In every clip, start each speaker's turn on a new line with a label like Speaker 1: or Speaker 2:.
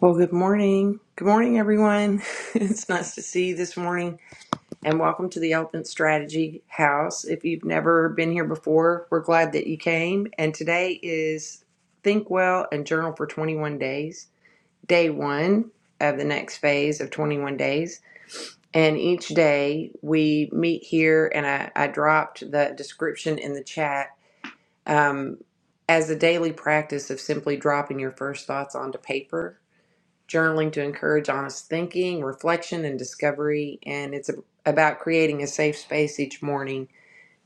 Speaker 1: Well, good morning. Good morning, everyone. it's nice to see you this morning, and welcome to the Elephant Strategy House. If you've never been here before, we're glad that you came. And today is Think Well and Journal for 21 Days, day one of the next phase of 21 days. And each day we meet here, and I, I dropped the description in the chat um, as a daily practice of simply dropping your first thoughts onto paper journaling to encourage honest thinking, reflection, and discovery. And it's about creating a safe space each morning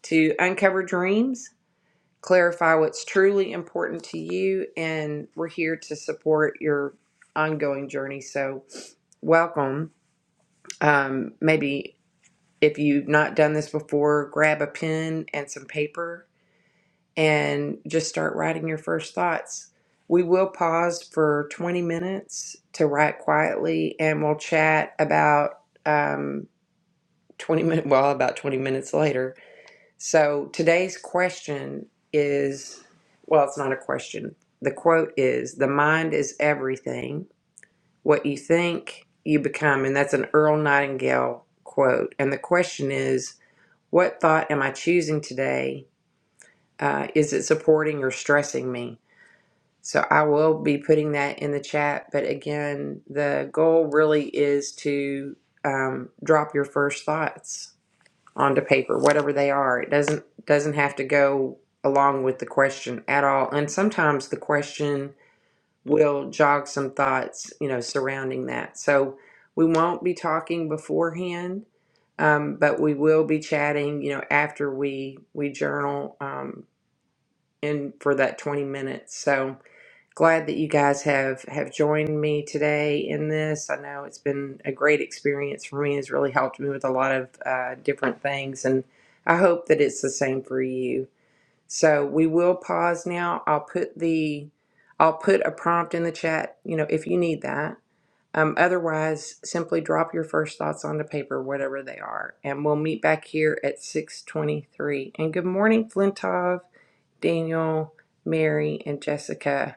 Speaker 1: to uncover dreams, clarify what's truly important to you, and we're here to support your ongoing journey. So, welcome. Um, maybe if you've not done this before, grab a pen and some paper and just start writing your first thoughts. We will pause for 20 minutes to write quietly and we'll chat about um, 20 minutes, well, about 20 minutes later. So today's question is well, it's not a question. The quote is The mind is everything. What you think, you become. And that's an Earl Nightingale quote. And the question is What thought am I choosing today? Uh, is it supporting or stressing me? So I will be putting that in the chat. But again, the goal really is to um, drop your first thoughts onto paper, whatever they are. It doesn't doesn't have to go along with the question at all. And sometimes the question will jog some thoughts, you know, surrounding that. So we won't be talking beforehand, um, but we will be chatting, you know, after we we journal um, in for that twenty minutes. So glad that you guys have have joined me today in this i know it's been a great experience for me it's really helped me with a lot of uh, different things and i hope that it's the same for you so we will pause now i'll put the i'll put a prompt in the chat you know if you need that um, otherwise simply drop your first thoughts onto paper whatever they are and we'll meet back here at 6.23 and good morning flintov daniel mary and jessica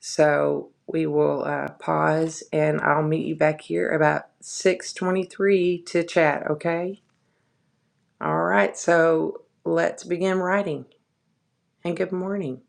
Speaker 1: so we will uh, pause and I'll meet you back here about 6:23 to chat, okay? All right. So let's begin writing. And good morning.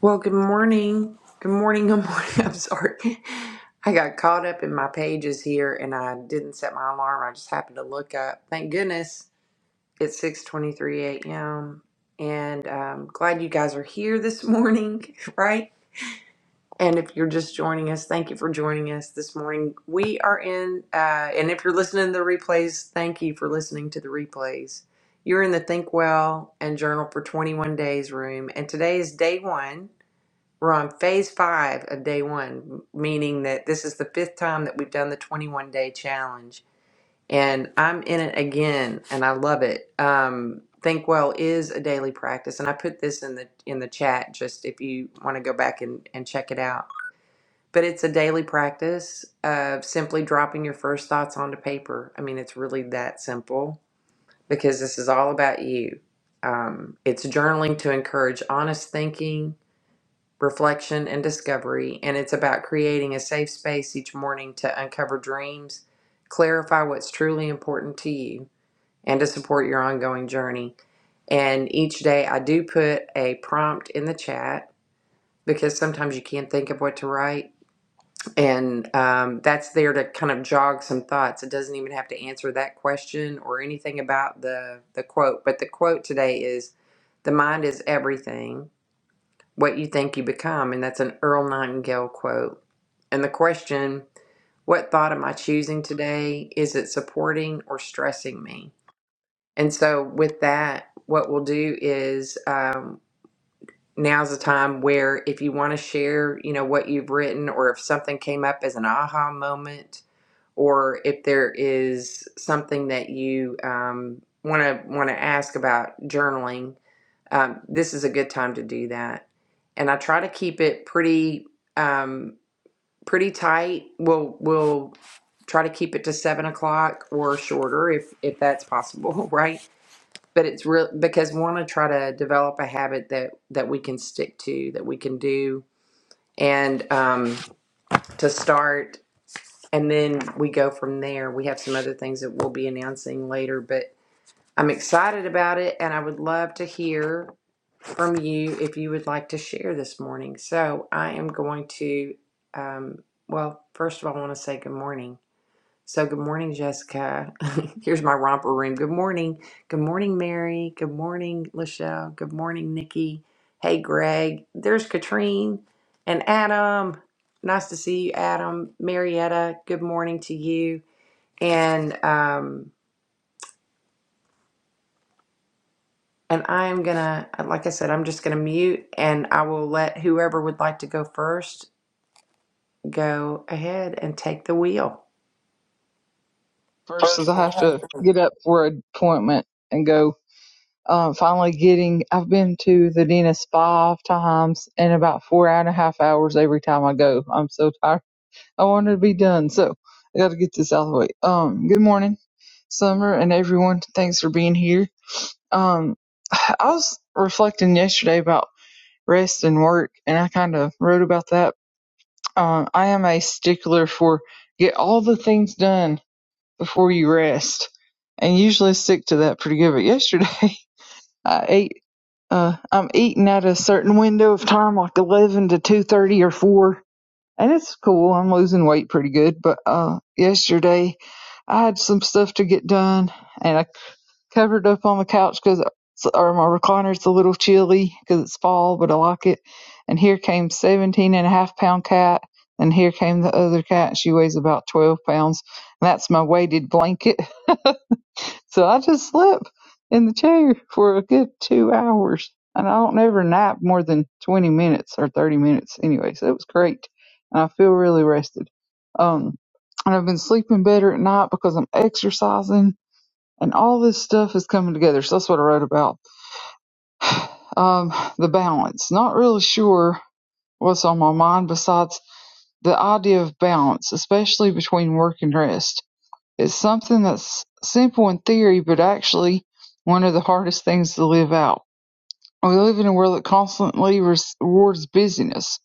Speaker 1: Well, good morning. Good morning. Good morning. I'm sorry. I got caught up in my pages here and I didn't set my alarm. I just happened to look up. Thank goodness it's 6:23 a.m. And um glad you guys are here this morning, right? And if you're just joining us, thank you for joining us this morning. We are in, uh, and if you're listening to the replays, thank you for listening to the replays. You're in the Think Well and Journal for 21 Days room, and today is day one. We're on phase five of day one, meaning that this is the fifth time that we've done the 21 day challenge. And I'm in it again, and I love it. Um, Think Well is a daily practice, and I put this in the in the chat just if you want to go back and, and check it out but it's a daily practice of simply dropping your first thoughts onto paper. I mean, it's really that simple because this is all about you. Um, it's journaling to encourage honest thinking, reflection, and discovery. And it's about creating a safe space each morning to uncover dreams, clarify what's truly important to you, and to support your ongoing journey. And each day I do put a prompt in the chat because sometimes you can't think of what to write and um, that's there to kind of jog some thoughts. It doesn't even have to answer that question or anything about the, the quote. But the quote today is The mind is everything, what you think you become. And that's an Earl Nightingale quote. And the question, What thought am I choosing today? Is it supporting or stressing me? And so, with that, what we'll do is um, now's the time where if you want to share, you know, what you've written or if something came up as an aha moment or if there is something that you um, want to want to ask about journaling, um, this is a good time to do that. And I try to keep it pretty um, pretty tight. We'll we'll try to keep it to seven o'clock or shorter if if that's possible, right? But it's real because we want to try to develop a habit that that we can stick to, that we can do, and um, to start and then we go from there. We have some other things that we'll be announcing later, but I'm excited about it and I would love to hear from you if you would like to share this morning. So I am going to, um, well, first of all, I want to say good morning. So good morning, Jessica. Here's my romper room. Good morning. Good morning, Mary. Good morning, Lachelle. Good morning, Nikki. Hey, Greg. There's Katrine and Adam. Nice to see you, Adam. Marietta, good morning to you. And um and I am gonna like I said, I'm just gonna mute and I will let whoever would like to go first go ahead and take the wheel.
Speaker 2: first
Speaker 1: First.
Speaker 2: I have to get up for an appointment and go. Um, finally getting, I've been to the dentist five times in about four and a half hours every time I go. I'm so tired. I wanted to be done. So I got to get this out of the way. Um, good morning, Summer and everyone. Thanks for being here. Um, I was reflecting yesterday about rest and work and I kind of wrote about that. Um, I am a stickler for get all the things done before you rest, and usually stick to that pretty good. But yesterday, I ate. Uh, I'm eating at a certain window of time, like eleven to two thirty or four, and it's cool. I'm losing weight pretty good. But uh, yesterday, I had some stuff to get done, and I covered up on the couch because or my recliner recliner's a little chilly because it's fall, but I like it. And here came 17 and a half pound cat, and here came the other cat. She weighs about 12 pounds. And that's my weighted blanket. So I just slept in the chair for a good two hours. And I don't ever nap more than 20 minutes or 30 minutes anyway. So it was great. And I feel really rested. Um, and I've been sleeping better at night because I'm exercising and all this stuff is coming together. So that's what I wrote about. Um, the balance. Not really sure what's on my mind besides the idea of balance, especially between work and rest it's something that's simple in theory, but actually one of the hardest things to live out. We live in a world that constantly rewards busyness.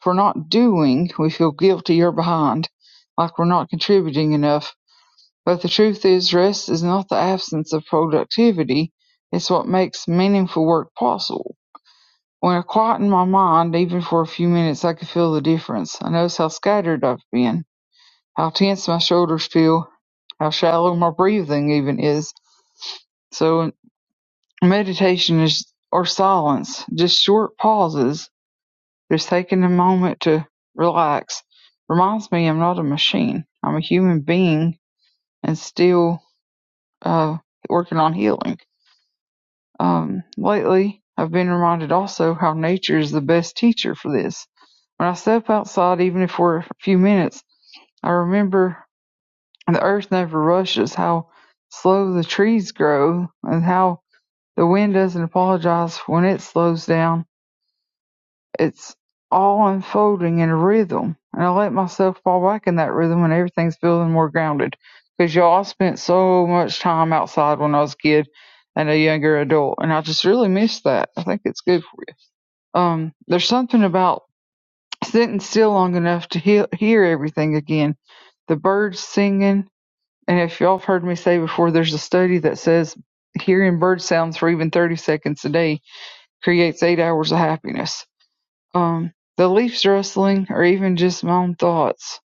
Speaker 2: If we're not doing, we feel guilty or behind, like we're not contributing enough. But the truth is, rest is not the absence of productivity, it's what makes meaningful work possible. When I quieten my mind, even for a few minutes, I can feel the difference. I notice how scattered I've been, how tense my shoulders feel, how shallow my breathing even is. So meditation is or silence, just short pauses, just taking a moment to relax. Reminds me I'm not a machine. I'm a human being and still uh, working on healing. Um, lately, I've been reminded also how nature is the best teacher for this. When I step outside, even if we're a few minutes, I remember the earth never rushes, how slow the trees grow, and how The wind doesn't apologize when it slows down. It's all unfolding in a rhythm. And I let myself fall back in that rhythm and everything's feeling more grounded. Because y'all, I spent so much time outside when I was a kid and a younger adult. And I just really miss that. I think it's good for you. Um, there's something about sitting still long enough to he- hear everything again. The birds singing. And if y'all have heard me say before, there's a study that says hearing bird sounds for even 30 seconds a day creates eight hours of happiness. Um, the Leafs wrestling, or even just my own thoughts,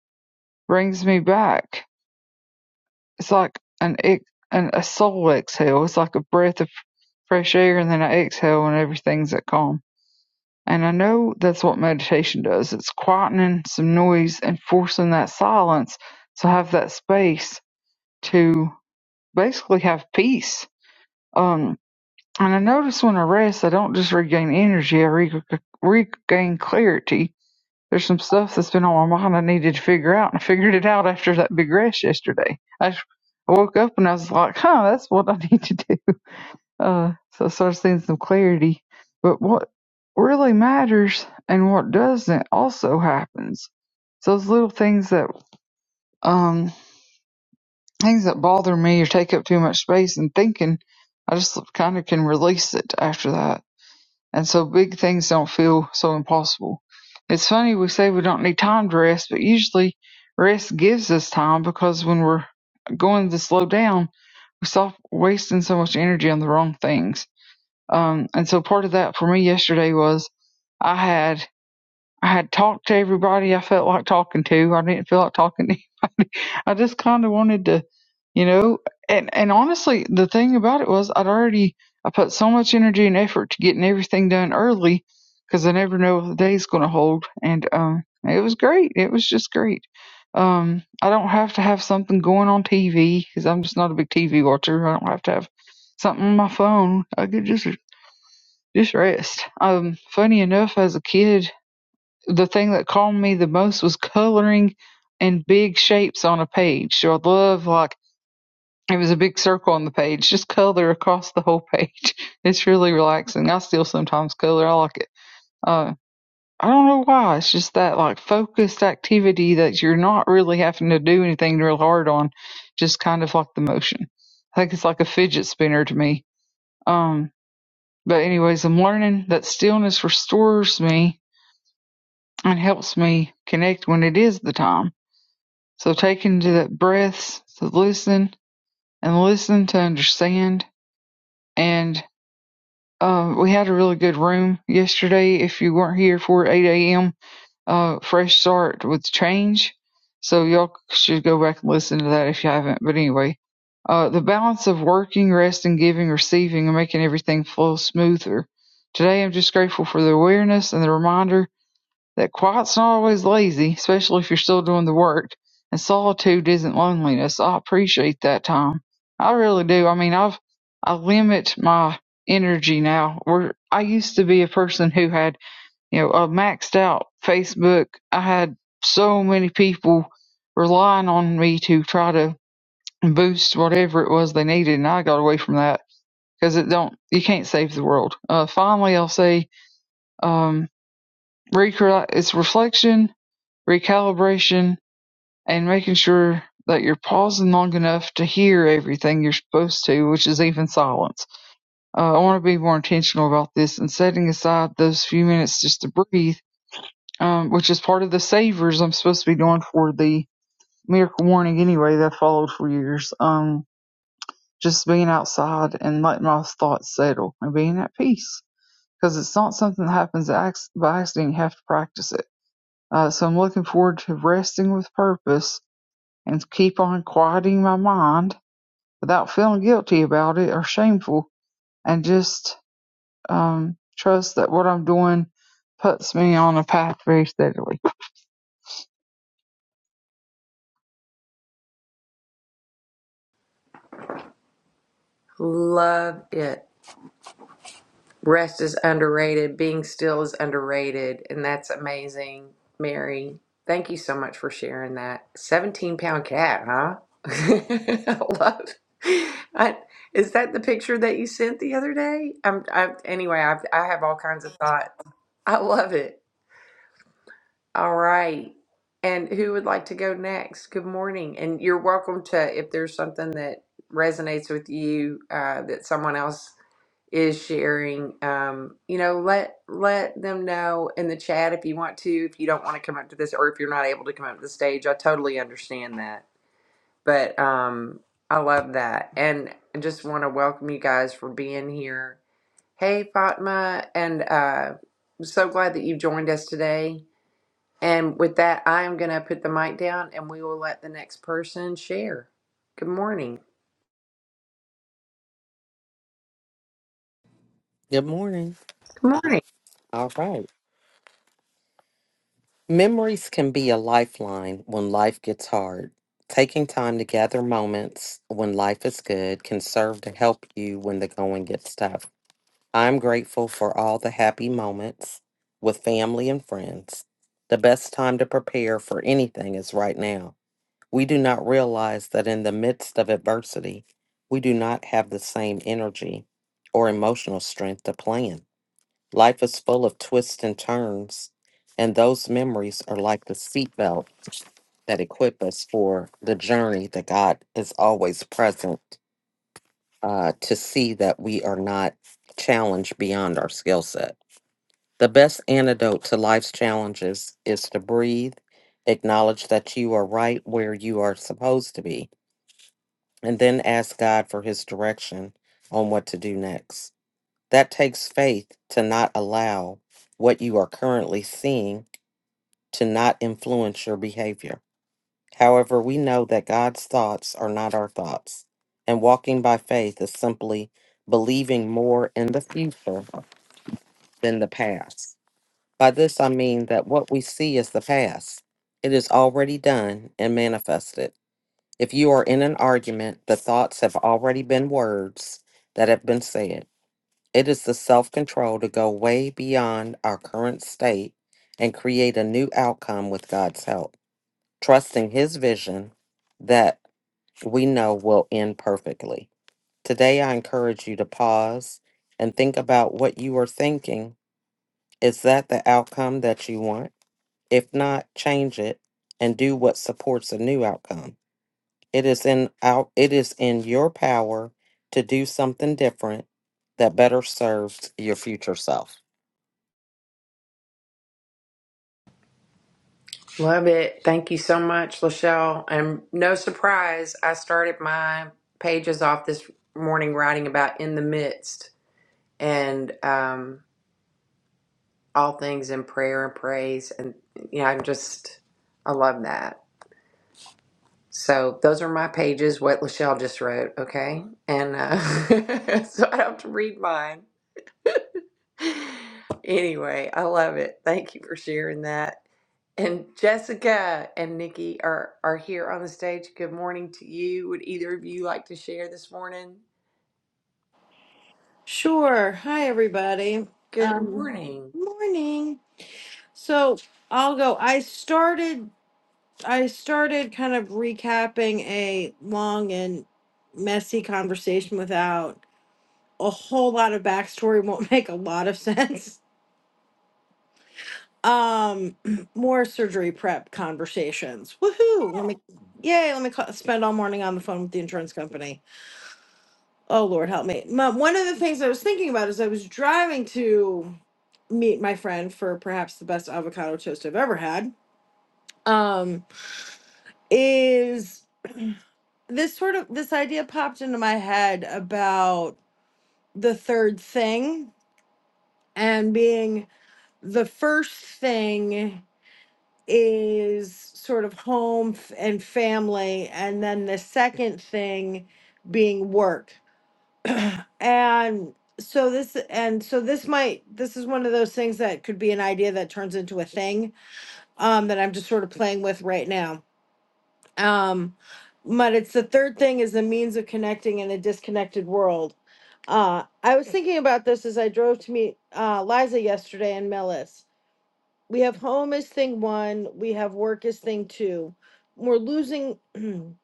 Speaker 2: brings me back. It's like an, ex- an a soul exhale. It's like a breath of fresh air, and then I exhale, and everything's at calm. And I know that's what meditation does. It's quietening some noise and forcing that silence to have that space to basically have peace. Um, and I notice when I rest, I don't just regain energy; I re- regain clarity There's some stuff that's been on my mind I needed to figure out, and I figured it out after that big rash yesterday. I woke up and I was like, huh, that's what I need to do. Uh, so I started seeing some clarity. But what really matters and what doesn't also happens. So those little things that, um, things that bother me or take up too much space and thinking, I just kind of can release it after that and so big things don't feel so impossible. It's funny we say we don't need time to rest, but usually rest gives us time because when we're going to slow down, we stop wasting so much energy on the wrong things. Um, and so part of that for me yesterday was I had I had talked to everybody I felt like talking to. I didn't feel like talking to anybody. I just kind of wanted to, you know, and, and honestly, the thing about it was I'd already, I put so much energy and effort to getting everything done early because I never know what the day's going to hold. And, um, it was great. It was just great. Um, I don't have to have something going on TV because I'm just not a big TV watcher. I don't have to have something on my phone. I could just, just rest. Um, funny enough, as a kid, the thing that calmed me the most was coloring and big shapes on a page. So I love like it was a big circle on the page. Just color across the whole page. It's really relaxing. I still sometimes color. I like it. Uh, I don't know why. It's just that like focused activity that you're not really having to do anything real hard on. Just kind of like the motion. I think it's like a fidget spinner to me. Um, but anyways, I'm learning that stillness restores me and helps me connect when it is the time. So take into that breaths to listen and listen to understand. And um, we had a really good room yesterday. If you weren't here for 8 a.m., uh, fresh start with change. So y'all should go back and listen to that if you haven't. But anyway, uh, the balance of working, resting, giving, receiving, and making everything flow smoother. Today, I'm just grateful for the awareness and the reminder that quiet's not always lazy, especially if you're still doing the work. And solitude isn't loneliness. I appreciate that time. I really do. I mean, I've I limit my energy now. Where I used to be a person who had, you know, a maxed out Facebook. I had so many people relying on me to try to boost whatever it was they needed, and I got away from that because it don't you can't save the world. Uh, finally, I'll say um, recre- it's reflection recalibration and making sure that you're pausing long enough to hear everything you're supposed to, which is even silence. Uh, I want to be more intentional about this and setting aside those few minutes just to breathe, um, which is part of the savers I'm supposed to be doing for the miracle morning anyway that I followed for years. Um, just being outside and letting my thoughts settle and being at peace because it's not something that happens ac- by accident. You have to practice it. Uh, so I'm looking forward to resting with purpose and keep on quieting my mind without feeling guilty about it or shameful and just um, trust that what I'm doing puts me on a path very steadily.
Speaker 1: Love it. Rest is underrated. Being still is underrated. And that's amazing, Mary. Thank you so much for sharing that. 17 pound cat, huh? I love I, is that the picture that you sent the other day? I'm, I'm anyway, I've, I have all kinds of thoughts. I love it. All right. And who would like to go next? Good morning. And you're welcome to, if there's something that resonates with you uh, that someone else is sharing um you know let let them know in the chat if you want to if you don't want to come up to this or if you're not able to come up to the stage i totally understand that but um i love that and I just want to welcome you guys for being here hey fatma and uh I'm so glad that you've joined us today and with that i am going to put the mic down and we will let the next person share good morning
Speaker 3: Good morning.
Speaker 1: good morning
Speaker 3: All right. Memories can be a lifeline when life gets hard. Taking time to gather moments when life is good can serve to help you when the going gets tough. I'm grateful for all the happy moments with family and friends. The best time to prepare for anything is right now. We do not realize that in the midst of adversity, we do not have the same energy or emotional strength to plan. Life is full of twists and turns, and those memories are like the seatbelt that equip us for the journey that God is always present uh, to see that we are not challenged beyond our skill set. The best antidote to life's challenges is to breathe, acknowledge that you are right where you are supposed to be, and then ask God for his direction on what to do next. That takes faith to not allow what you are currently seeing to not influence your behavior. However, we know that God's thoughts are not our thoughts, and walking by faith is simply believing more in the future than the past. By this, I mean that what we see is the past, it is already done and manifested. If you are in an argument, the thoughts have already been words that have been said. It is the self control to go way beyond our current state and create a new outcome with God's help trusting His vision that we know will end perfectly. Today, I encourage you to pause and think about what you are thinking. Is that the outcome that you want? If not, change it and do what supports a new outcome. It is in out it is in your power to do something different that better serves your future self.
Speaker 1: Love it. Thank you so much, Lachelle. And no surprise, I started my pages off this morning writing about in the midst and um, all things in prayer and praise. And, you know, I'm just, I love that. So those are my pages, what Lachelle just wrote, okay? And uh, so I don't have to read mine. Anyway, I love it. Thank you for sharing that. And Jessica and Nikki are are here on the stage. Good morning to you. Would either of you like to share this morning?
Speaker 4: Sure. Hi, everybody.
Speaker 1: Good
Speaker 4: Um,
Speaker 1: morning.
Speaker 4: morning. So I'll go. I started. I started kind of recapping a long and messy conversation without a whole lot of backstory. Won't make a lot of sense. Um, more surgery prep conversations. Woohoo! Let me. Yay! Let me call, spend all morning on the phone with the insurance company. Oh Lord, help me. My, one of the things I was thinking about is I was driving to. meet my friend for perhaps the best avocado toast I've ever had. Um, is this sort of this idea popped into my head about the third thing and being the first thing is sort of home f- and family, and then the second thing being work. And so this and so this might this is one of those things that could be an idea that turns into a thing um that I'm just sort of playing with right now um but it's the third thing is the means of connecting in a disconnected world uh i was thinking about this as i drove to meet uh liza yesterday and Melis. we have home as thing one we have work as thing two we're losing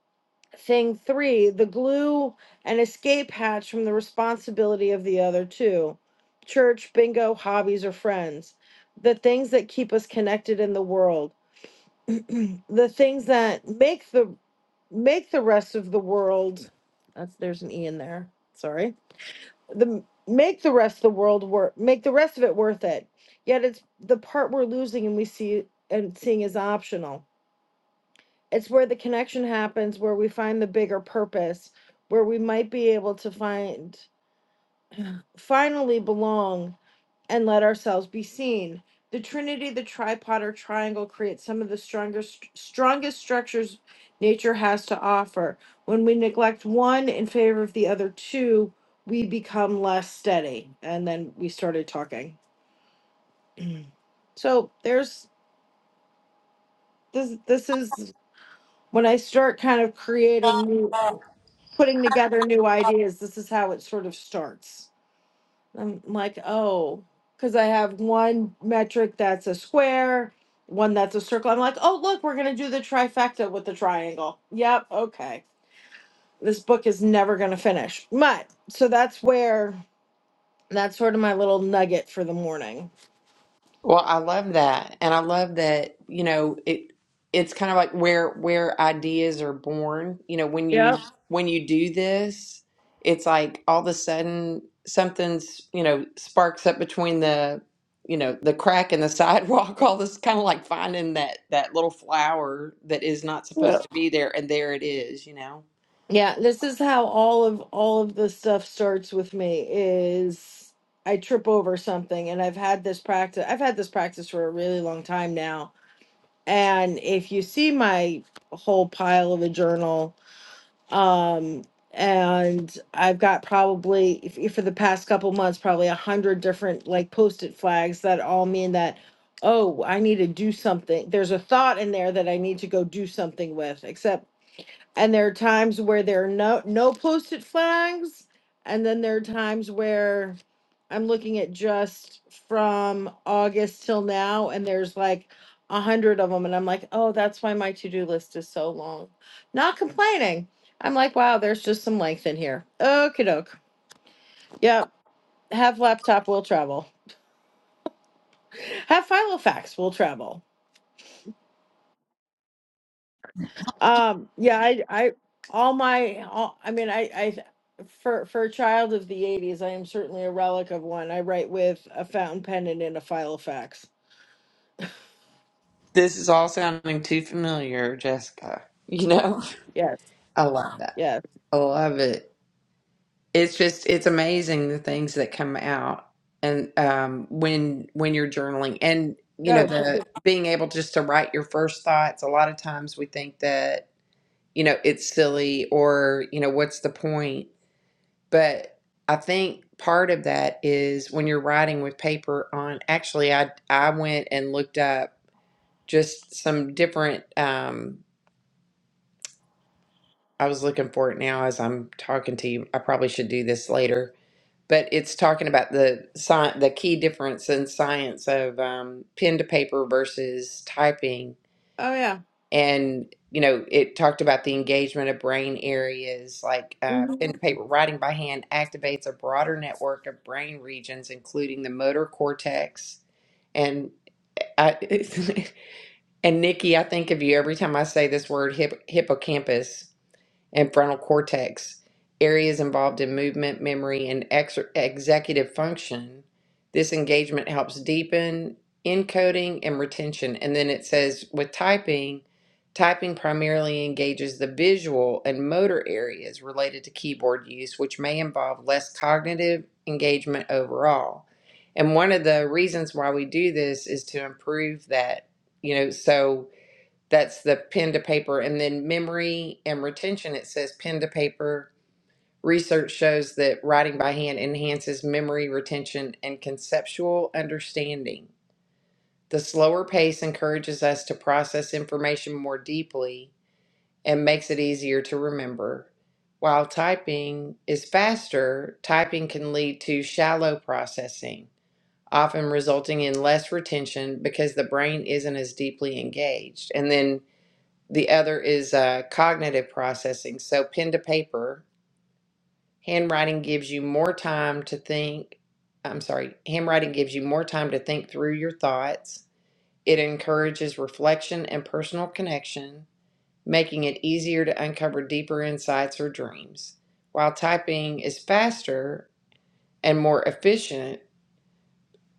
Speaker 4: thing three the glue and escape hatch from the responsibility of the other two church bingo hobbies or friends the things that keep us connected in the world the things that make the make the rest of the world that's there's an e in there sorry the make the rest of the world work make the rest of it worth it yet it's the part we're losing and we see and seeing is optional it's where the connection happens where we find the bigger purpose where we might be able to find finally belong and let ourselves be seen. The trinity, the tripod or triangle creates some of the strongest strongest structures nature has to offer. When we neglect one in favor of the other two, we become less steady. And then we started talking. So there's this this is when I start kind of creating new putting together new ideas, this is how it sort of starts. I'm like, oh, because I have one metric that's a square, one that's a circle. I'm like, oh, look, we're going to do the trifecta with the triangle. Yep, okay. This book is never going to finish. But so that's where that's sort of my little nugget for the morning.
Speaker 1: Well, I love that. And I love that, you know, it it's kind of like where where ideas are born. You know, when you
Speaker 4: Yep.
Speaker 1: Uh-huh. when you do this, it's like all of a sudden something's, you know, sparks up between the, you know, the crack in the sidewalk, all this kind of like finding that that little flower that is not
Speaker 4: Yeah.
Speaker 1: supposed to be there and there it is, you know.
Speaker 4: Yeah, this is how all of all of the stuff starts with me is I trip over something and I've had this practice I've had this practice for a really long time now and if you see my whole pile of a journal um and i've got probably if- if for the past couple months probably a hundred different like post-it flags that all mean that oh i need to do something there's a thought in there that i need to go do something with except and there are times where there are no no post-it flags and then there are times where i'm looking at just from august till now and there's like a hundred of them and i'm like oh that's why my to-do list is so long not complaining i'm like wow there's just some length in here okay doke yep have laptop will travel have filofax will travel Um, yeah, I, I, all my, all, I mean, I, I, for, for a child of the eighties, I am certainly a relic of one. I write with a fountain pen and in a file of fax.
Speaker 1: This is all sounding too familiar, Jessica. You know,
Speaker 4: Yes.
Speaker 1: I love that.
Speaker 4: Yes.
Speaker 1: I love it. it's just it's amazing the things that come out and um when when you're journaling and you know
Speaker 4: Oh, for
Speaker 1: the
Speaker 4: sure.
Speaker 1: being able just to write your first thoughts a lot of times we think that you know it's silly or you know what's the point but i think part of that is when you're writing with paper on actually i i went and looked up just some different um i was looking for it now as i'm talking to you i probably should do this later but it's talking about the sci- the key difference in science of um, pen to paper versus typing
Speaker 4: oh yeah.
Speaker 1: and you know it talked about the engagement of brain areas like uh,
Speaker 4: Mm-hmm.
Speaker 1: pen to paper writing by hand activates a broader network of brain regions including the motor cortex and I, and Nikki, I think of you every time I say this word hip, hippocampus and frontal cortex, areas involved in movement, memory, and ex- executive function. This engagement helps deepen encoding and retention. And then it says with typing, typing primarily engages the visual and motor areas related to keyboard use, which may involve less cognitive engagement overall. And one of the reasons why we do this is to improve that, you know, so that's the pen to paper. And then memory and retention, it says pen to paper. Research shows that writing by hand enhances memory retention and conceptual understanding. The slower pace encourages us to process information more deeply and makes it easier to remember. While typing is faster, typing can lead to shallow processing, often resulting in less retention because the brain isn't as deeply engaged. And then the other is uh, cognitive processing. So, pen to paper, handwriting gives you more time to think. I'm sorry, handwriting gives you more time to think through your thoughts. It encourages reflection and personal connection, making it easier to uncover deeper insights or dreams. While typing is faster and more efficient,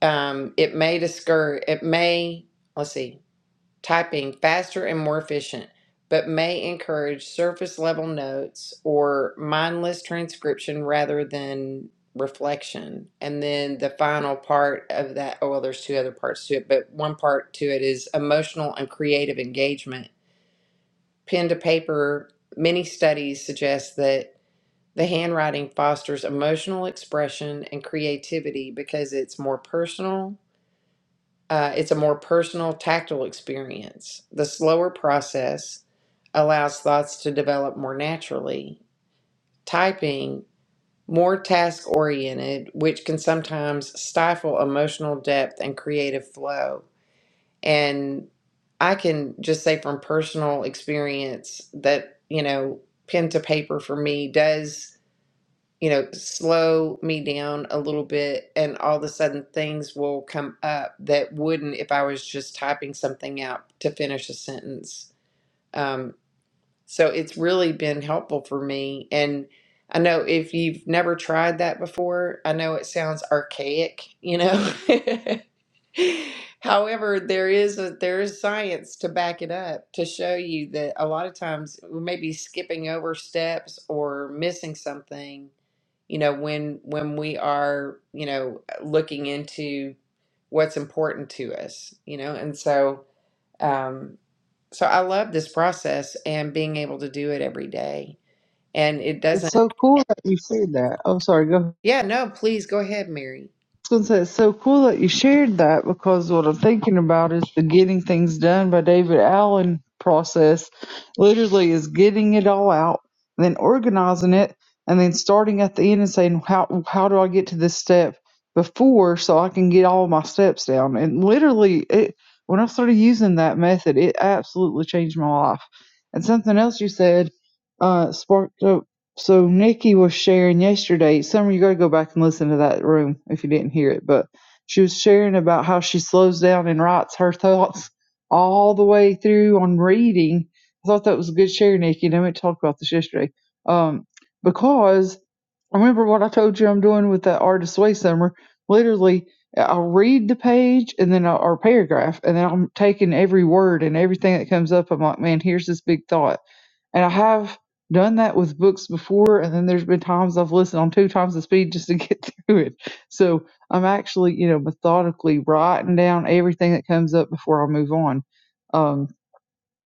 Speaker 1: um, it may discourage, it may, let's see, typing faster and more efficient, but may encourage surface level notes or mindless transcription rather than reflection. And then the final part of that, oh, well, there's two other parts to it, but one part to it is emotional and creative engagement. Pen to paper, many studies suggest that the handwriting fosters emotional expression and creativity because it's more personal uh, it's a more personal, tactile experience. The slower process allows thoughts to develop more naturally. Typing, more task oriented, which can sometimes stifle emotional depth and creative flow. And I can just say from personal experience that, you know, pen to paper for me does you know, slow me down a little bit, and all of a sudden things will come up that wouldn't if I was just typing something out to finish a sentence. Um, so it's really been helpful for me. And I know if you've never tried that before, I know it sounds archaic, you know, However, there is a, there is science to back it up to show you that a lot of times we may be skipping over steps or missing something, you know, when when we are, you know, looking into what's important to us, you know. And so um so I love this process and being able to do it every day. And it
Speaker 2: It's
Speaker 1: doesn't
Speaker 2: so cool that you said that. Oh, sorry, go ahead.
Speaker 1: Yeah, no, please go ahead, Mary.
Speaker 2: I was gonna say it's so cool that you shared that because what I'm thinking about is the getting things done by David Allen process. Literally, is getting it all out, then organizing it, and then starting at the end and saying how how do I get to this step before so I can get all my steps down. And literally, it when I started using that method, it absolutely changed my life. And something else you said uh, sparked. up so Nikki was sharing yesterday. Summer, you got to go back and listen to that room if you didn't hear it. But she was sharing about how she slows down and writes her thoughts all the way through on reading. I thought that was a good share, Nikki. And I meant to talk about this yesterday. Um, because remember what I told you I'm doing with that artist way summer. Literally, I'll read the page and then i or paragraph, and then I'm taking every word and everything that comes up. I'm like, man, here's this big thought and I have done that with books before, and then there's been times I've listened on two times the speed just to get through it. So I'm actually, you know, methodically writing down everything that comes up before I move on. Um,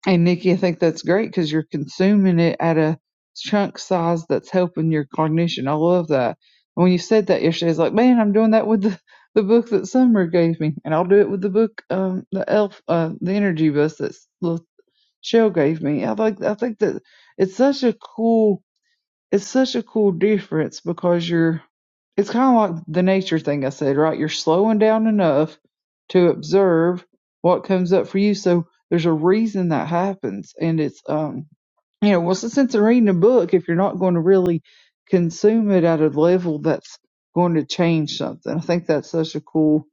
Speaker 2: and Nikki, I think that's great because you're consuming it at a chunk size that's helping your cognition. I love that. And when you said that yesterday, it's like, man, I'm doing that with the, the book that Summer gave me, and I'll do it with the book, um, the Elf, uh, the Energy Bus that Shell gave me. I like I think that it's such a cool it's such a cool difference because you're it's kind of like the nature thing I said, right? You're slowing down enough to observe what comes up for you. So there's a reason that happens and it's um you know, what's the sense of reading a book if you're not going to really consume it at a level that's going to change something? I think that's such a cool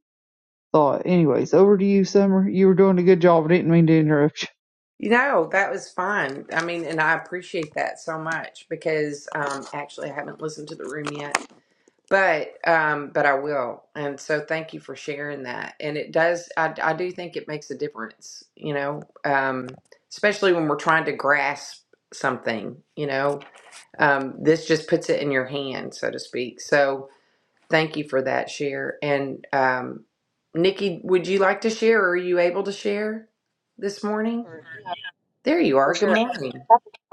Speaker 2: thought. Anyways, over to you, Summer. You were doing a good job. I didn't mean to interrupt you.
Speaker 1: You know, that was fun. I mean, and I appreciate that so much because um actually I haven't listened to the room yet, but um but I will. And so thank you for sharing that. And it does I I do think it makes a difference, you know, um especially when we're trying to grasp something, you know. Um this just puts it in your hand, so to speak. So thank you for that share. And um Nikki, would you like to share? Or Are you able to share this morning?
Speaker 5: Sure. Yeah,
Speaker 1: There you
Speaker 5: for
Speaker 1: are. Good
Speaker 5: sure. I'm
Speaker 1: morning.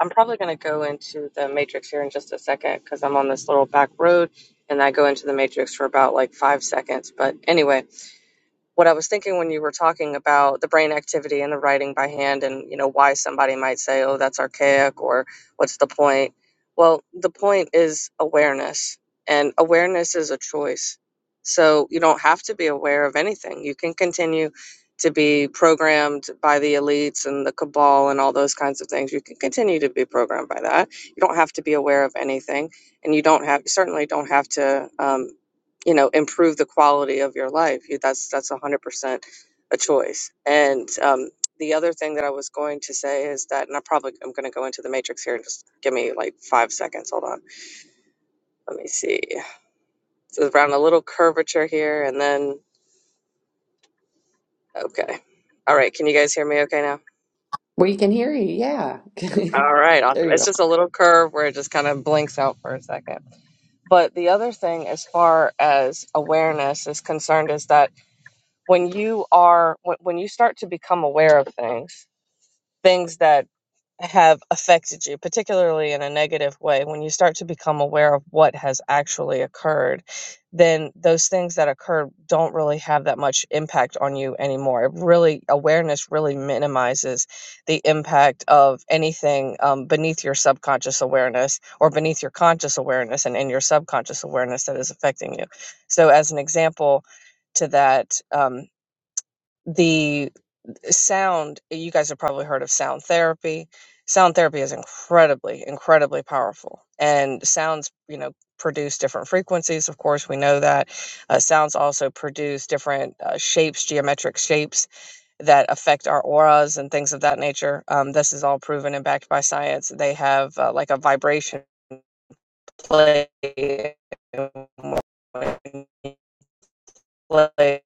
Speaker 5: I'm probably going to go into the matrix here in just a second because I'm on this little back road and I go into the matrix for about like five seconds. But anyway, what I was thinking when you were talking about the brain activity and the writing by hand and you know why somebody might say oh that's archaic or what's the point well the point is awareness and awareness is a choice so you don't have to be aware of anything you can continue to be programmed by the elites and the cabal and all those kinds of things you can continue to be programmed by that you don't have to be aware of anything and you don't have certainly don't have to um, you know improve the quality of your life You- that's that's 100% a choice. And um, the other thing that I was going to say is that, and I probably I'm going to go into the matrix here. Just give me like five seconds. Hold on. Let me see. So around a little curvature here, and then okay. All right. Can you guys hear me? Okay now.
Speaker 1: We can hear you. Yeah.
Speaker 5: All right. Awesome.
Speaker 1: there you
Speaker 5: It's
Speaker 1: are.
Speaker 5: just a little curve where it just kind of blinks out for a second. But the other thing, as far as awareness is concerned, is that when you are when when you start to become aware of things things that have affected you, particularly in a negative way, when you start to become aware of what has actually occurred, then those things that occurred don't really have that much impact on you anymore. It really, awareness really minimizes the impact of anything um, beneath your subconscious awareness or beneath your conscious awareness and in your subconscious awareness that is affecting you. So, as an example to that, um, the sound you guys have probably heard of sound therapy sound therapy is incredibly incredibly powerful and sounds you know produce different frequencies of course we know that uh, sounds also produce different uh, shapes geometric shapes that affect our auras and things of that nature um, this is all proven and backed by science they have uh, like a vibration play when you play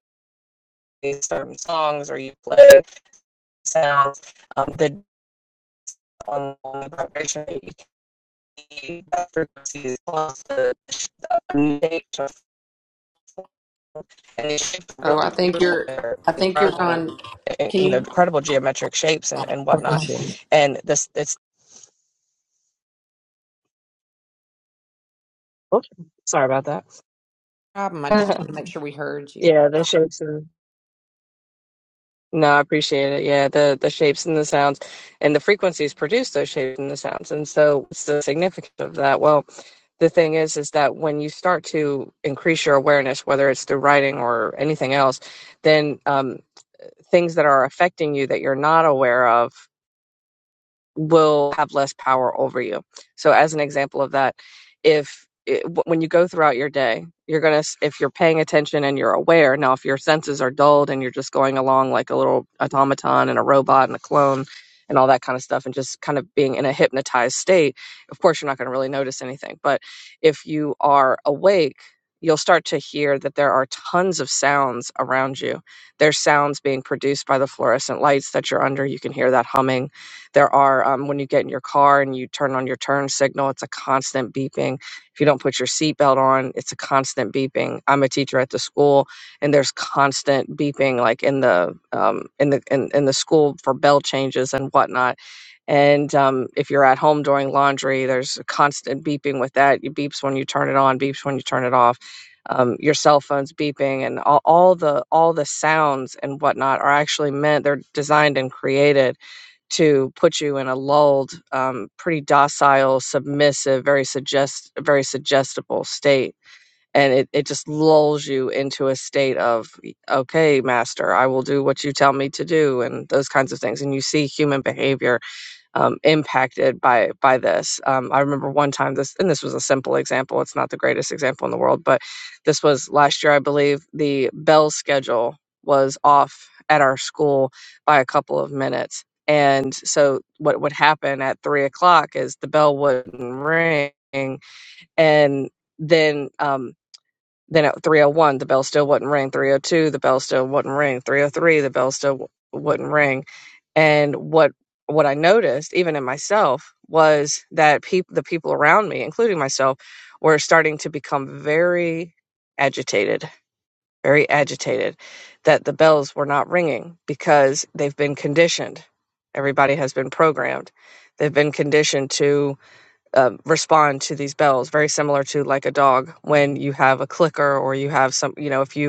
Speaker 5: certain songs or you play sounds um, The on the vibration AT, that frequency is plus the, the shapes and these shapes are
Speaker 1: Oh,
Speaker 5: really
Speaker 1: I think
Speaker 5: beautiful.
Speaker 1: you're.
Speaker 5: They're
Speaker 1: I think you're
Speaker 5: incredible,
Speaker 1: gone.
Speaker 5: eh,
Speaker 1: Can
Speaker 5: you know,
Speaker 1: you?
Speaker 5: incredible geometric shapes and, and
Speaker 1: Oh, there
Speaker 5: whatnot.
Speaker 1: she
Speaker 5: And this, it's, oops, sorry about that.
Speaker 1: Problem. I just want to make sure we heard you.
Speaker 5: yeah, the shapes are. No, I appreciate it. Yeah, the the shapes and the sounds and the frequencies produce those shapes and the sounds. And so what's the significance of that? Well, the thing is is that when you start to increase your awareness, whether it's through writing or anything else, then um, things that are affecting you that you're not aware of will have less power over you. So, as an example of that, if it, when you go throughout your day, you're gonna if you're paying attention and you're aware. Now, if your senses are dulled and you're just going along like a little automaton and a robot and a clone and all that kind of stuff, and just kind of being in a hypnotized state, of course you're not gonna really notice anything. But if you are awake. You'll start to hear that there are tons of sounds around you. There's sounds being produced by the fluorescent lights that you're under. You can hear that humming there are, um, when you get in your car and you turn on your turn signal, it's a constant beeping. If you don't put your seatbelt on, it's a constant beeping. I'm a teacher at the school and there's constant beeping like in the, um, in the, in, in the school for bell changes and whatnot. And um, if you're at home doing laundry, there's a constant beeping with that. It beeps when you turn it on, beeps when you turn it off. Um, your cell phone's beeping, and all, all the all the sounds and whatnot are actually meant. They're designed and created to put you in a lulled, um, pretty docile, submissive, very suggest, very suggestible state, and it, it just lulls you into a state of, okay, master, I will do what you tell me to do, and those kinds of things. And you see human behavior um, impacted by by this. Um, I remember one time this, and this was a simple example. It's not the greatest example in the world, but this was last year, I believe. The bell schedule was off at our school by a couple of minutes, and so what would happen at three o'clock is the bell wouldn't ring, and then um, then at 301, the bell still wouldn't ring. 302, the bell still wouldn't ring. 303, the bell still w- wouldn't ring. And what what I noticed, even in myself, was that peop- the people around me, including myself, were starting to become very agitated, very agitated that the bells were not ringing because they've been conditioned. Everybody has been programmed. They've been conditioned to um, respond to these bells very similar to like a dog when you have a clicker or you have some you know if you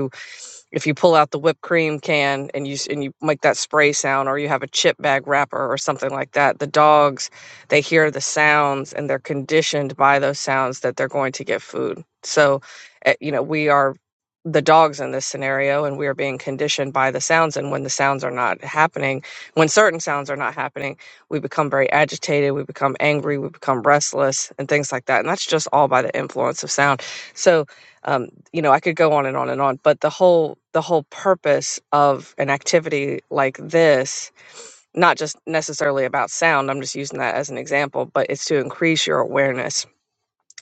Speaker 5: if you pull out the whipped cream can and you s- and you make that spray sound or you have a chip bag wrapper or something like that the dogs they hear the sounds and they're conditioned by those sounds that they're going to get food so eh, you know we are the dogs in this scenario and we are being conditioned by the sounds and when the sounds are not happening when certain sounds are not happening we become very agitated we become angry we become restless and things like that and that's just all by the influence of sound so um, you know i could go on and on and on but the whole the whole purpose of an activity like this not just necessarily about sound i'm just using that as an example but it's to increase your awareness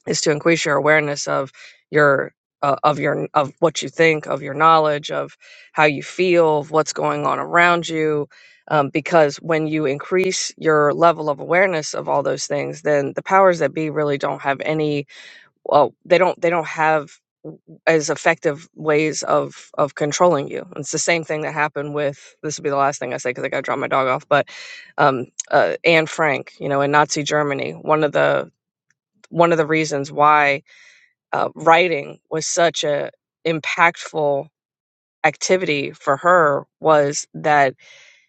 Speaker 5: is to increase your awareness of your uh, of your of what you think of your knowledge of how you feel of what's going on around you um, because when you increase your level of awareness of all those things then the powers that be really don't have any well they don't they don't have as effective ways of of controlling you. It's the same thing that happened with this will be the last thing I say because I got to drop my dog off. But um, uh, Anne Frank, you know, in Nazi Germany, one of the one of the reasons why uh, writing was such a impactful activity for her was that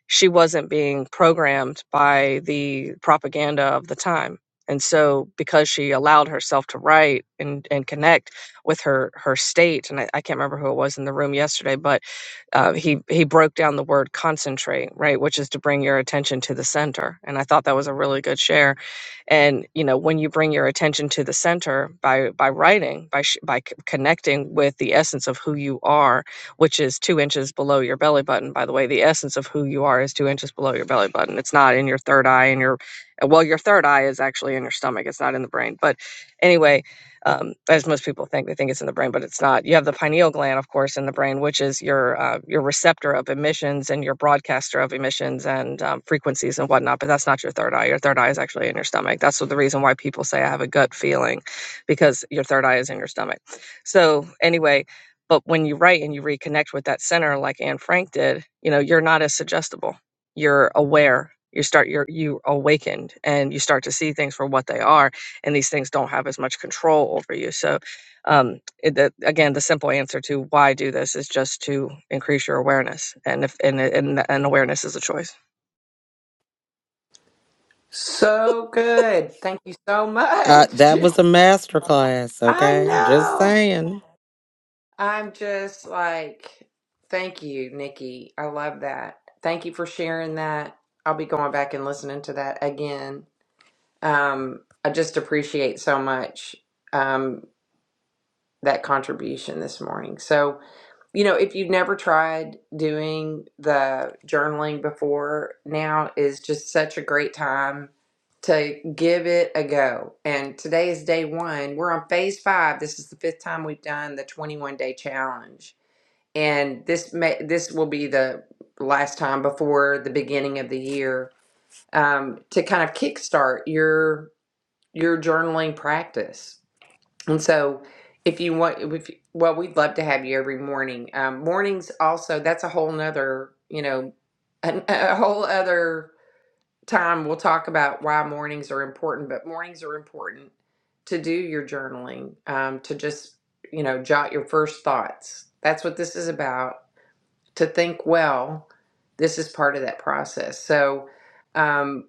Speaker 5: she wasn't being programmed by the propaganda of the time and so because she allowed herself to write and, and connect with her her state and I, I can't remember who it was in the room yesterday but uh, he he broke down the word concentrate right which is to bring your attention to the center and i thought that was a really good share and you know when you bring your attention to the center by by writing by sh- by c- connecting with the essence of who you are which is two inches below your belly button. By the way, the essence of who you are is two inches below your belly button. It's not in your third eye, and your well, your third eye is actually in your stomach. It's not in the brain. But anyway, um, as most people think, they think it's in the brain, but it's not. You have the pineal gland, of course, in the brain, which is your uh, your receptor of emissions and your broadcaster of emissions and um, frequencies and whatnot. But that's not your third eye. Your third eye is actually in your stomach. That's the reason why people say I have a gut feeling, because your third eye is in your stomach. So anyway, but when you write and you reconnect with that center, like Anne Frank did, you know, you're not as suggestible. You're aware. You start you're you awakened and you start to see things for what they are, and these things don't have as much control over you. So, um, it, that, again, the simple answer to why do this is just to increase your awareness, and if and and, and awareness is a choice.
Speaker 1: So good. Thank you so
Speaker 3: Uh,
Speaker 1: much.
Speaker 3: that was a masterclass.
Speaker 1: I
Speaker 3: okay? Just
Speaker 1: know.
Speaker 3: saying.
Speaker 1: I'm just like, thank you, Nikki. I love that. Thank you for sharing that. I'll be going back and listening to that again. Um, I just appreciate so much. Um. that contribution this morning. So, you know, if you've never tried doing the journaling before, now is just such a great time to give it a go. And today is day one. We're on phase five. This is the fifth time we've done the 21 day challenge. And this may this will be the last time before the beginning of the year um, to kind of kickstart your your journaling practice and so, if you want, if well, we'd love to have you every morning. Um, mornings also, that's a whole nother, you know, a, a whole other time we'll talk about why mornings are important. But mornings are important to do your journaling, um, to just, you know, jot your first thoughts. That's what this is about. To think well, this is part of that process. So. Um,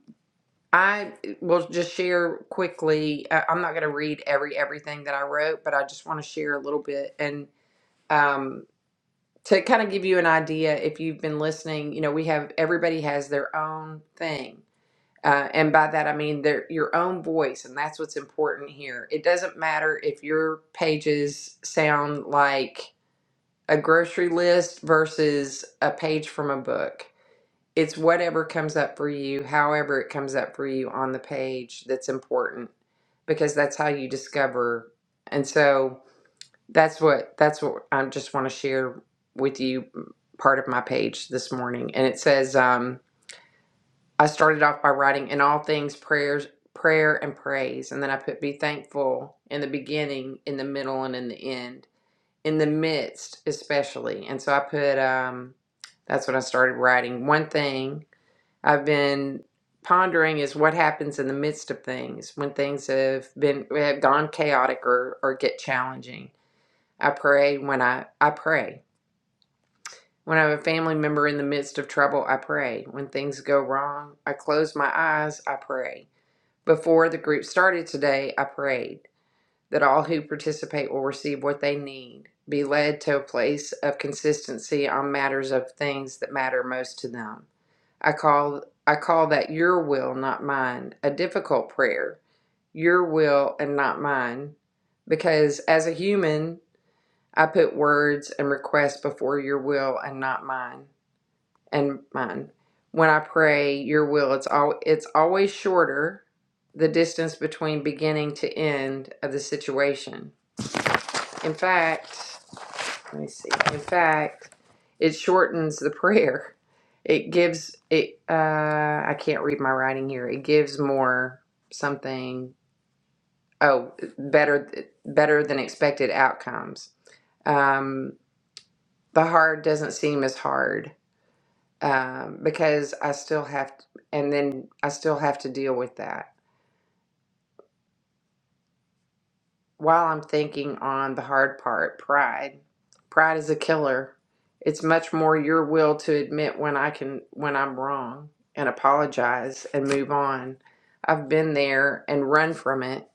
Speaker 1: I will just share quickly. I- I'm not going to read every everything that I wrote, but I just want to share a little bit and um, to kind of give you an idea. If you've been listening, you know we have everybody has their own thing, uh, and by that I mean their your own voice, and that's what's important here. It doesn't matter if your pages sound like a grocery list versus a page from a book it's whatever comes up for you, however it comes up for you on the page that's important because that's how you discover. And so that's what that's what I just want to share with you mm, part of my page this morning. And it says um, I started off by writing in all things prayers prayer and praise and then I put be thankful in the beginning, in the middle and in the end, in the midst especially. And so I put um that's what I started writing. One thing I've been pondering is what happens in the midst of things when things have been have gone chaotic or, or get challenging. I pray when I I pray. When I have a family member in the midst of trouble, I pray. When things go wrong, I close my eyes, I pray. Before the group started today, I prayed that all who participate will receive what they need, be led to a place of consistency on matters of things that matter most to them. I call I call that your will, not mine, a difficult prayer. Your will and not mine. Because as a human, I put words and requests before your will and not mine and mine. When I pray your will, it's all it's always shorter the distance between beginning to end of the situation. In fact, let me see. In fact, it shortens the prayer. It gives it. Uh, I can't read my writing here. It gives more something. Oh, better better than expected outcomes. Um, the hard doesn't seem as hard um, because I still have, and then I still have to deal with that. while I'm thinking on the hard part, pride. Pride is a killer. It's much more your will to admit when I can when I'm wrong and apologize and move on. I've been there and run from it.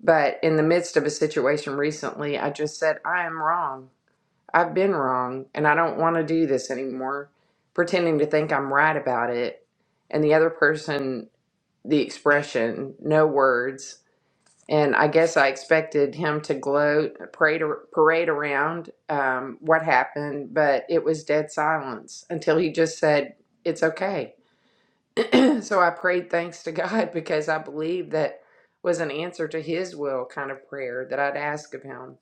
Speaker 1: But in the midst of a situation recently, I just said, I am wrong. I've been wrong and I don't want to do this anymore. Pretending to think I'm right about it. And the other person, the expression, no words, and I guess I expected him to gloat, parade, parade around um, what happened, but it was dead silence until he just said, It's okay. so I prayed thanks to God because I believed that was an answer to his will kind of prayer that I'd ask of him.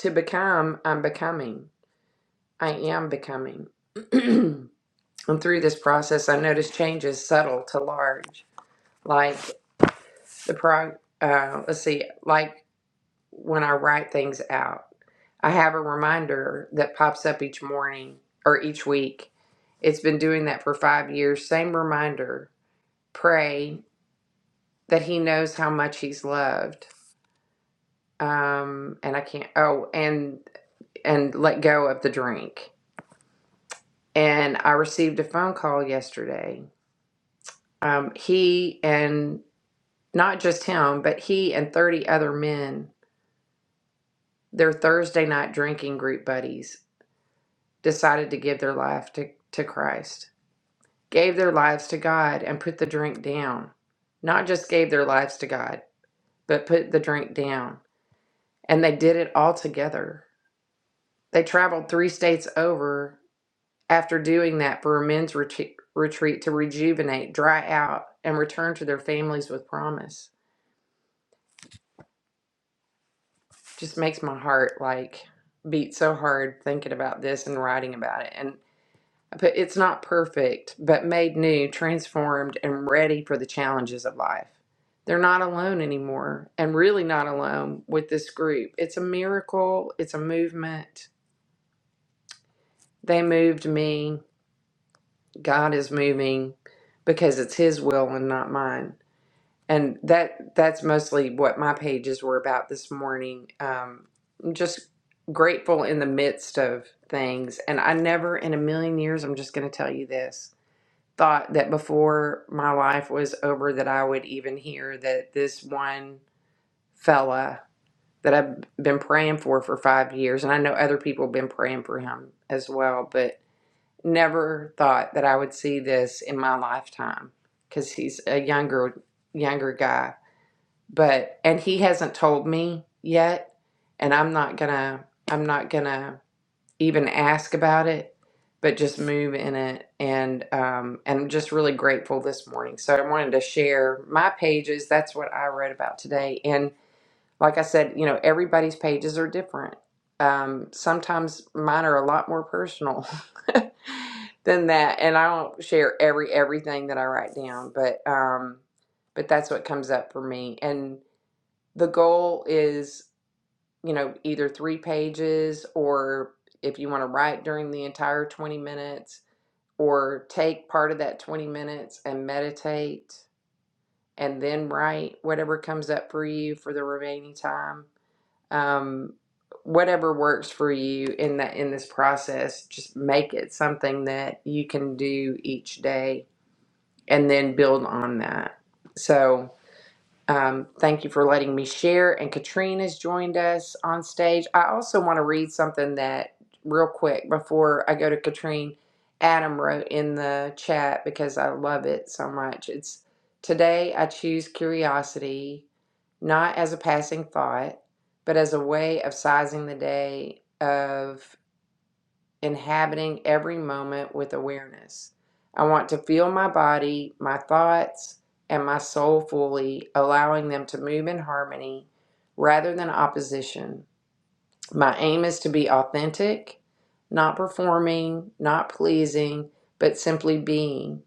Speaker 1: To become, I'm becoming. I am becoming. and through this process, I noticed changes subtle to large, like the pro. Uh, let's see, like when I write things out. I have a reminder that pops up each morning or each week. It's been doing that for five years. Same reminder pray that he knows how much he's loved. Um, and I can't, oh, and, and let go of the drink. And I received a phone call yesterday. Um, he and not just him, but he and 30 other men, their Thursday night drinking group buddies decided to give their life to, to Christ, gave their lives to God, and put the drink down. Not just gave their lives to God, but put the drink down. And they did it all together. They traveled three states over after doing that for a men's retreat, retreat to rejuvenate, dry out, and return to their families with promise. Just makes my heart like beat so hard thinking about this and writing about it. and. But it's not perfect, but made new, transformed, and ready for the challenges of life. They're not alone anymore, and really not alone with this group. It's a miracle, it's a movement. They moved me. God is moving because it's his will and not mine. And that that's mostly what my pages were about this morning. Um, I'm just grateful in the midst of things. And I never in a million years, I'm just going to tell you this. thought that before my life was over that I would even hear that this one fella that I've been praying for for 5 years and I know other people have been praying for him as well but never thought that I would see this in my lifetime cuz he's a younger younger guy but and he hasn't told me yet and I'm not going to I'm not going to even ask about it, but just move in it. And um, and I'm just really grateful this morning. So I wanted to share my pages. That's what I read about today. And like I said, you know, everybody's pages are different. Um, sometimes mine are a lot more personal than that, and I don't share every everything that I write down. But um, but that's what comes up for me. And the goal is you know, either three pages or if you want to write during the entire 20 minutes or take part of that 20 minutes and meditate and then write whatever comes up for you for the remaining time. Um, whatever works for you in that in this process, just make it something that you can do each day and then build on that. So um, thank you for letting me share. And Katrine has joined us on stage. I also want to read something that, real quick, before I go to Katrine, Adam wrote in the chat because I love it so much. It's today I choose curiosity, not as a passing thought, but as a way of sizing the day, of inhabiting every moment with awareness. I want to feel my body, my thoughts, and my soul fully, allowing them to move in harmony rather than opposition. My aim is to be authentic, not performing, not pleasing, but simply being.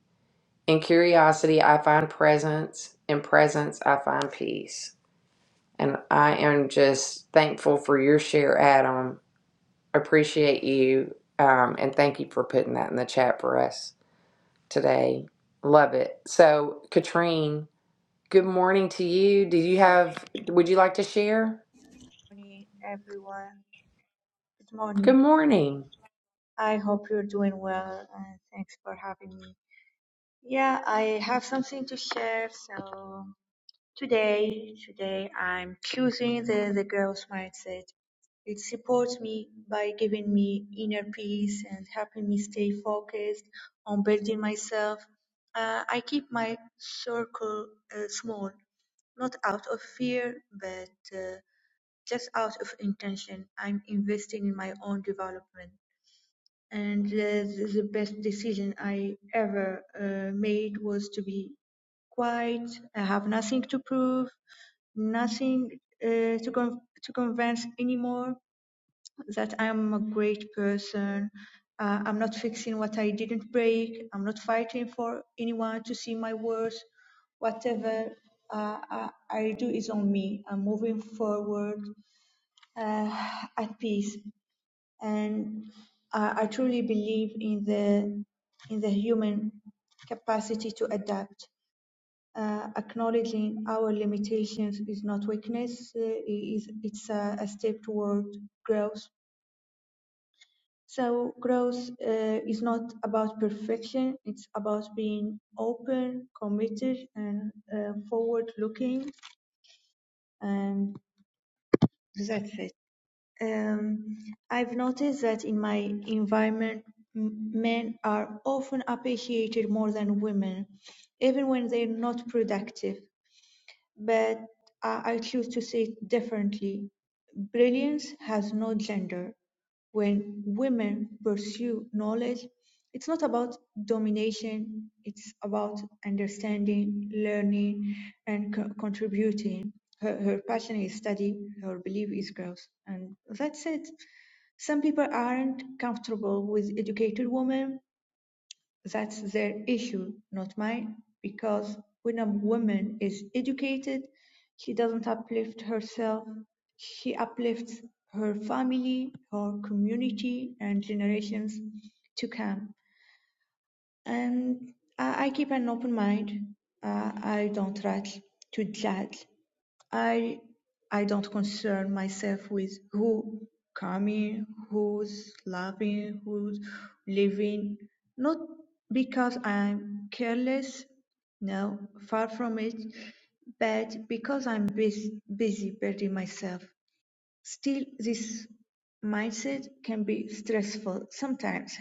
Speaker 1: In curiosity, I find presence. In presence, I find peace. And I am just thankful for your share, Adam appreciate you um, and thank you for putting that in the chat for us today. Love it. So, Katrine, good morning to you. Do you have, would you like to share?
Speaker 6: morning, everyone. Good
Speaker 1: Good
Speaker 6: morning.
Speaker 1: morning.
Speaker 6: I hope you're doing well and thanks for having me. Yeah, I have something to share. So today, today I'm choosing the, the girl's mindset. It supports me by giving me inner peace and helping me stay focused on building myself. Uh, I keep my circle uh, small, not out of fear, but uh, just out of intention. I'm investing in my own development. And uh, the best decision I ever uh, made was to be quiet. I have nothing to prove, nothing uh, to, con- to convince anymore that I'm a great person. Uh, I'm not fixing what I didn't break. I'm not fighting for anyone to see my worth. Whatever uh, I, I do is on me. I'm moving forward uh, at peace. And I, I truly believe in the in the human capacity to adapt. Uh, acknowledging our limitations is not weakness; uh, it is it's a, a step toward growth. So growth uh, is not about perfection. It's about being open, committed, and uh, forward-looking. And that's it. Um, I've noticed that in my environment, m- men are often appreciated more than women, even when they're not productive but I, I choose to say it differently. Brilliance has no gender. When women pursue knowledge, it's not about domination, it's about understanding, learning, and co- contributing. Her, her passion is study, her belief is growth, and that's it. Some people aren't comfortable with educated women that's their issue, not mine, because when a woman is educated, she doesn't uplift herself, she uplifts her family, her community, and generations to come and I, I keep an open mind. Uh, I don't try to judge. I I don't concern myself with who coming, who's loving, who's living. Not because I'm careless, no, far from it, but because I'm busy, busy building myself. Still, this mindset can be stressful sometimes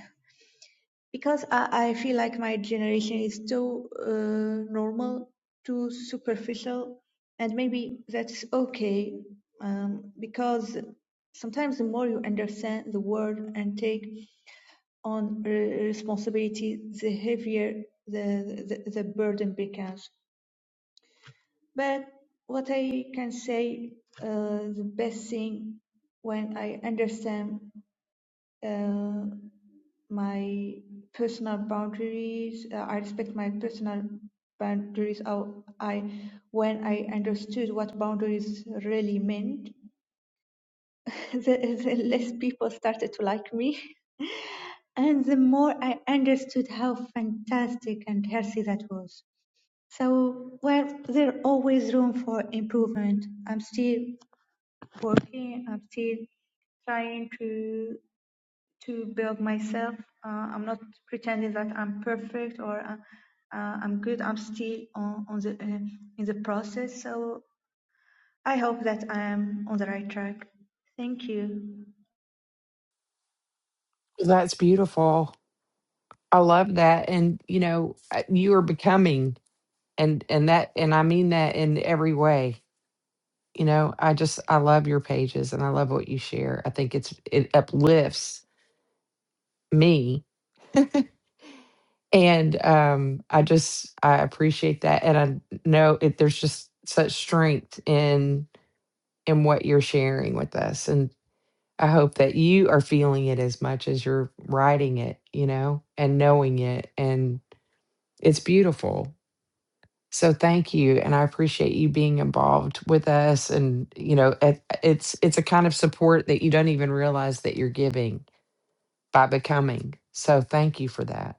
Speaker 6: because I, I feel like my generation is too uh, normal, too superficial, and maybe that's okay um, because sometimes the more you understand the world and take on re- responsibility, the heavier the, the, the burden becomes. But what I can say, uh, the best thing when I understand uh, my personal boundaries. Uh, I respect my personal boundaries. How I, when I understood what boundaries really meant, the, the less people started to like me. And the more I understood how fantastic and healthy that was. So, well, there's always room for improvement. I'm still working. I'm still trying to to build myself. Uh, I'm not pretending that I'm perfect or uh, uh, I'm good. I'm still on, on the uh, in the process. So I hope that I am on the right track. Thank you.
Speaker 1: That's beautiful. I love that. And you know, uh, you are becoming and and that and I mean that in every way. You know, I just I love your pages and I love what you share. I think it's it uplifts me And um, I just I appreciate that, and I know it, there's just such strength in in what you're sharing with us, and I hope that you are feeling it as much as you're writing it, you know, and knowing it, and it's beautiful. So thank you, and I appreciate you being involved with us, and you know, it, it's it's a kind of support that you don't even realize that you're giving by becoming. So thank you for that.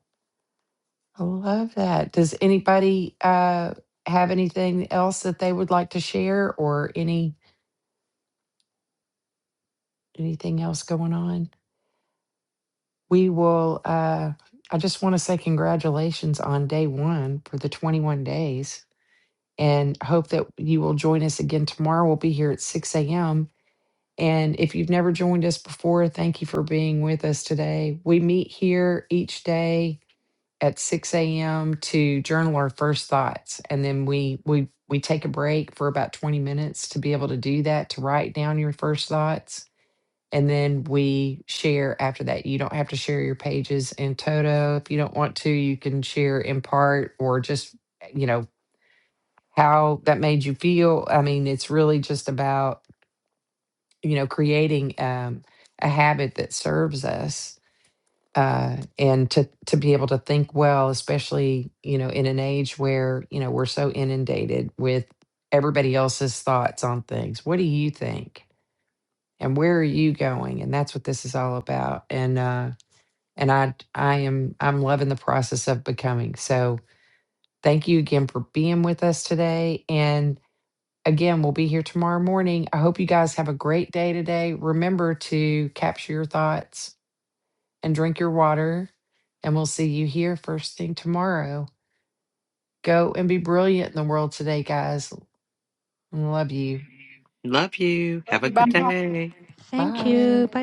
Speaker 1: I love that. Does anybody uh, have anything else that they would like to share, or any anything else going on? We will. Uh, I just want to say congratulations on day one for the 21 days, and hope that you will join us again tomorrow. We'll be here at 6 a.m. And if you've never joined us before, thank you for being with us today. We meet here each day at six AM to journal our first thoughts. And then we we we take a break for about 20 minutes to be able to do that, to write down your first thoughts. And then we share after that. You don't have to share your pages in toto. If you don't want to, you can share in part or just, you know, how that made you feel. I mean, it's really just about, you know, creating um, a habit that serves us uh, and to to be able to think well, especially you know in an age where you know we're so inundated with everybody else's thoughts on things. What do you think? And where are you going? And that's what this is all about. And uh, and I I am I'm loving the process of becoming. So thank you again for being with us today. And again, we'll be here tomorrow morning. I hope you guys have a great day today. Remember to capture your thoughts and drink your water. And we'll see you here first thing tomorrow. Go and be brilliant in the world today, guys. Love you.
Speaker 3: Love you.
Speaker 2: Love
Speaker 3: Have a
Speaker 2: you. bye.
Speaker 3: good day.
Speaker 6: Thank
Speaker 1: Bye.
Speaker 6: you. Bye.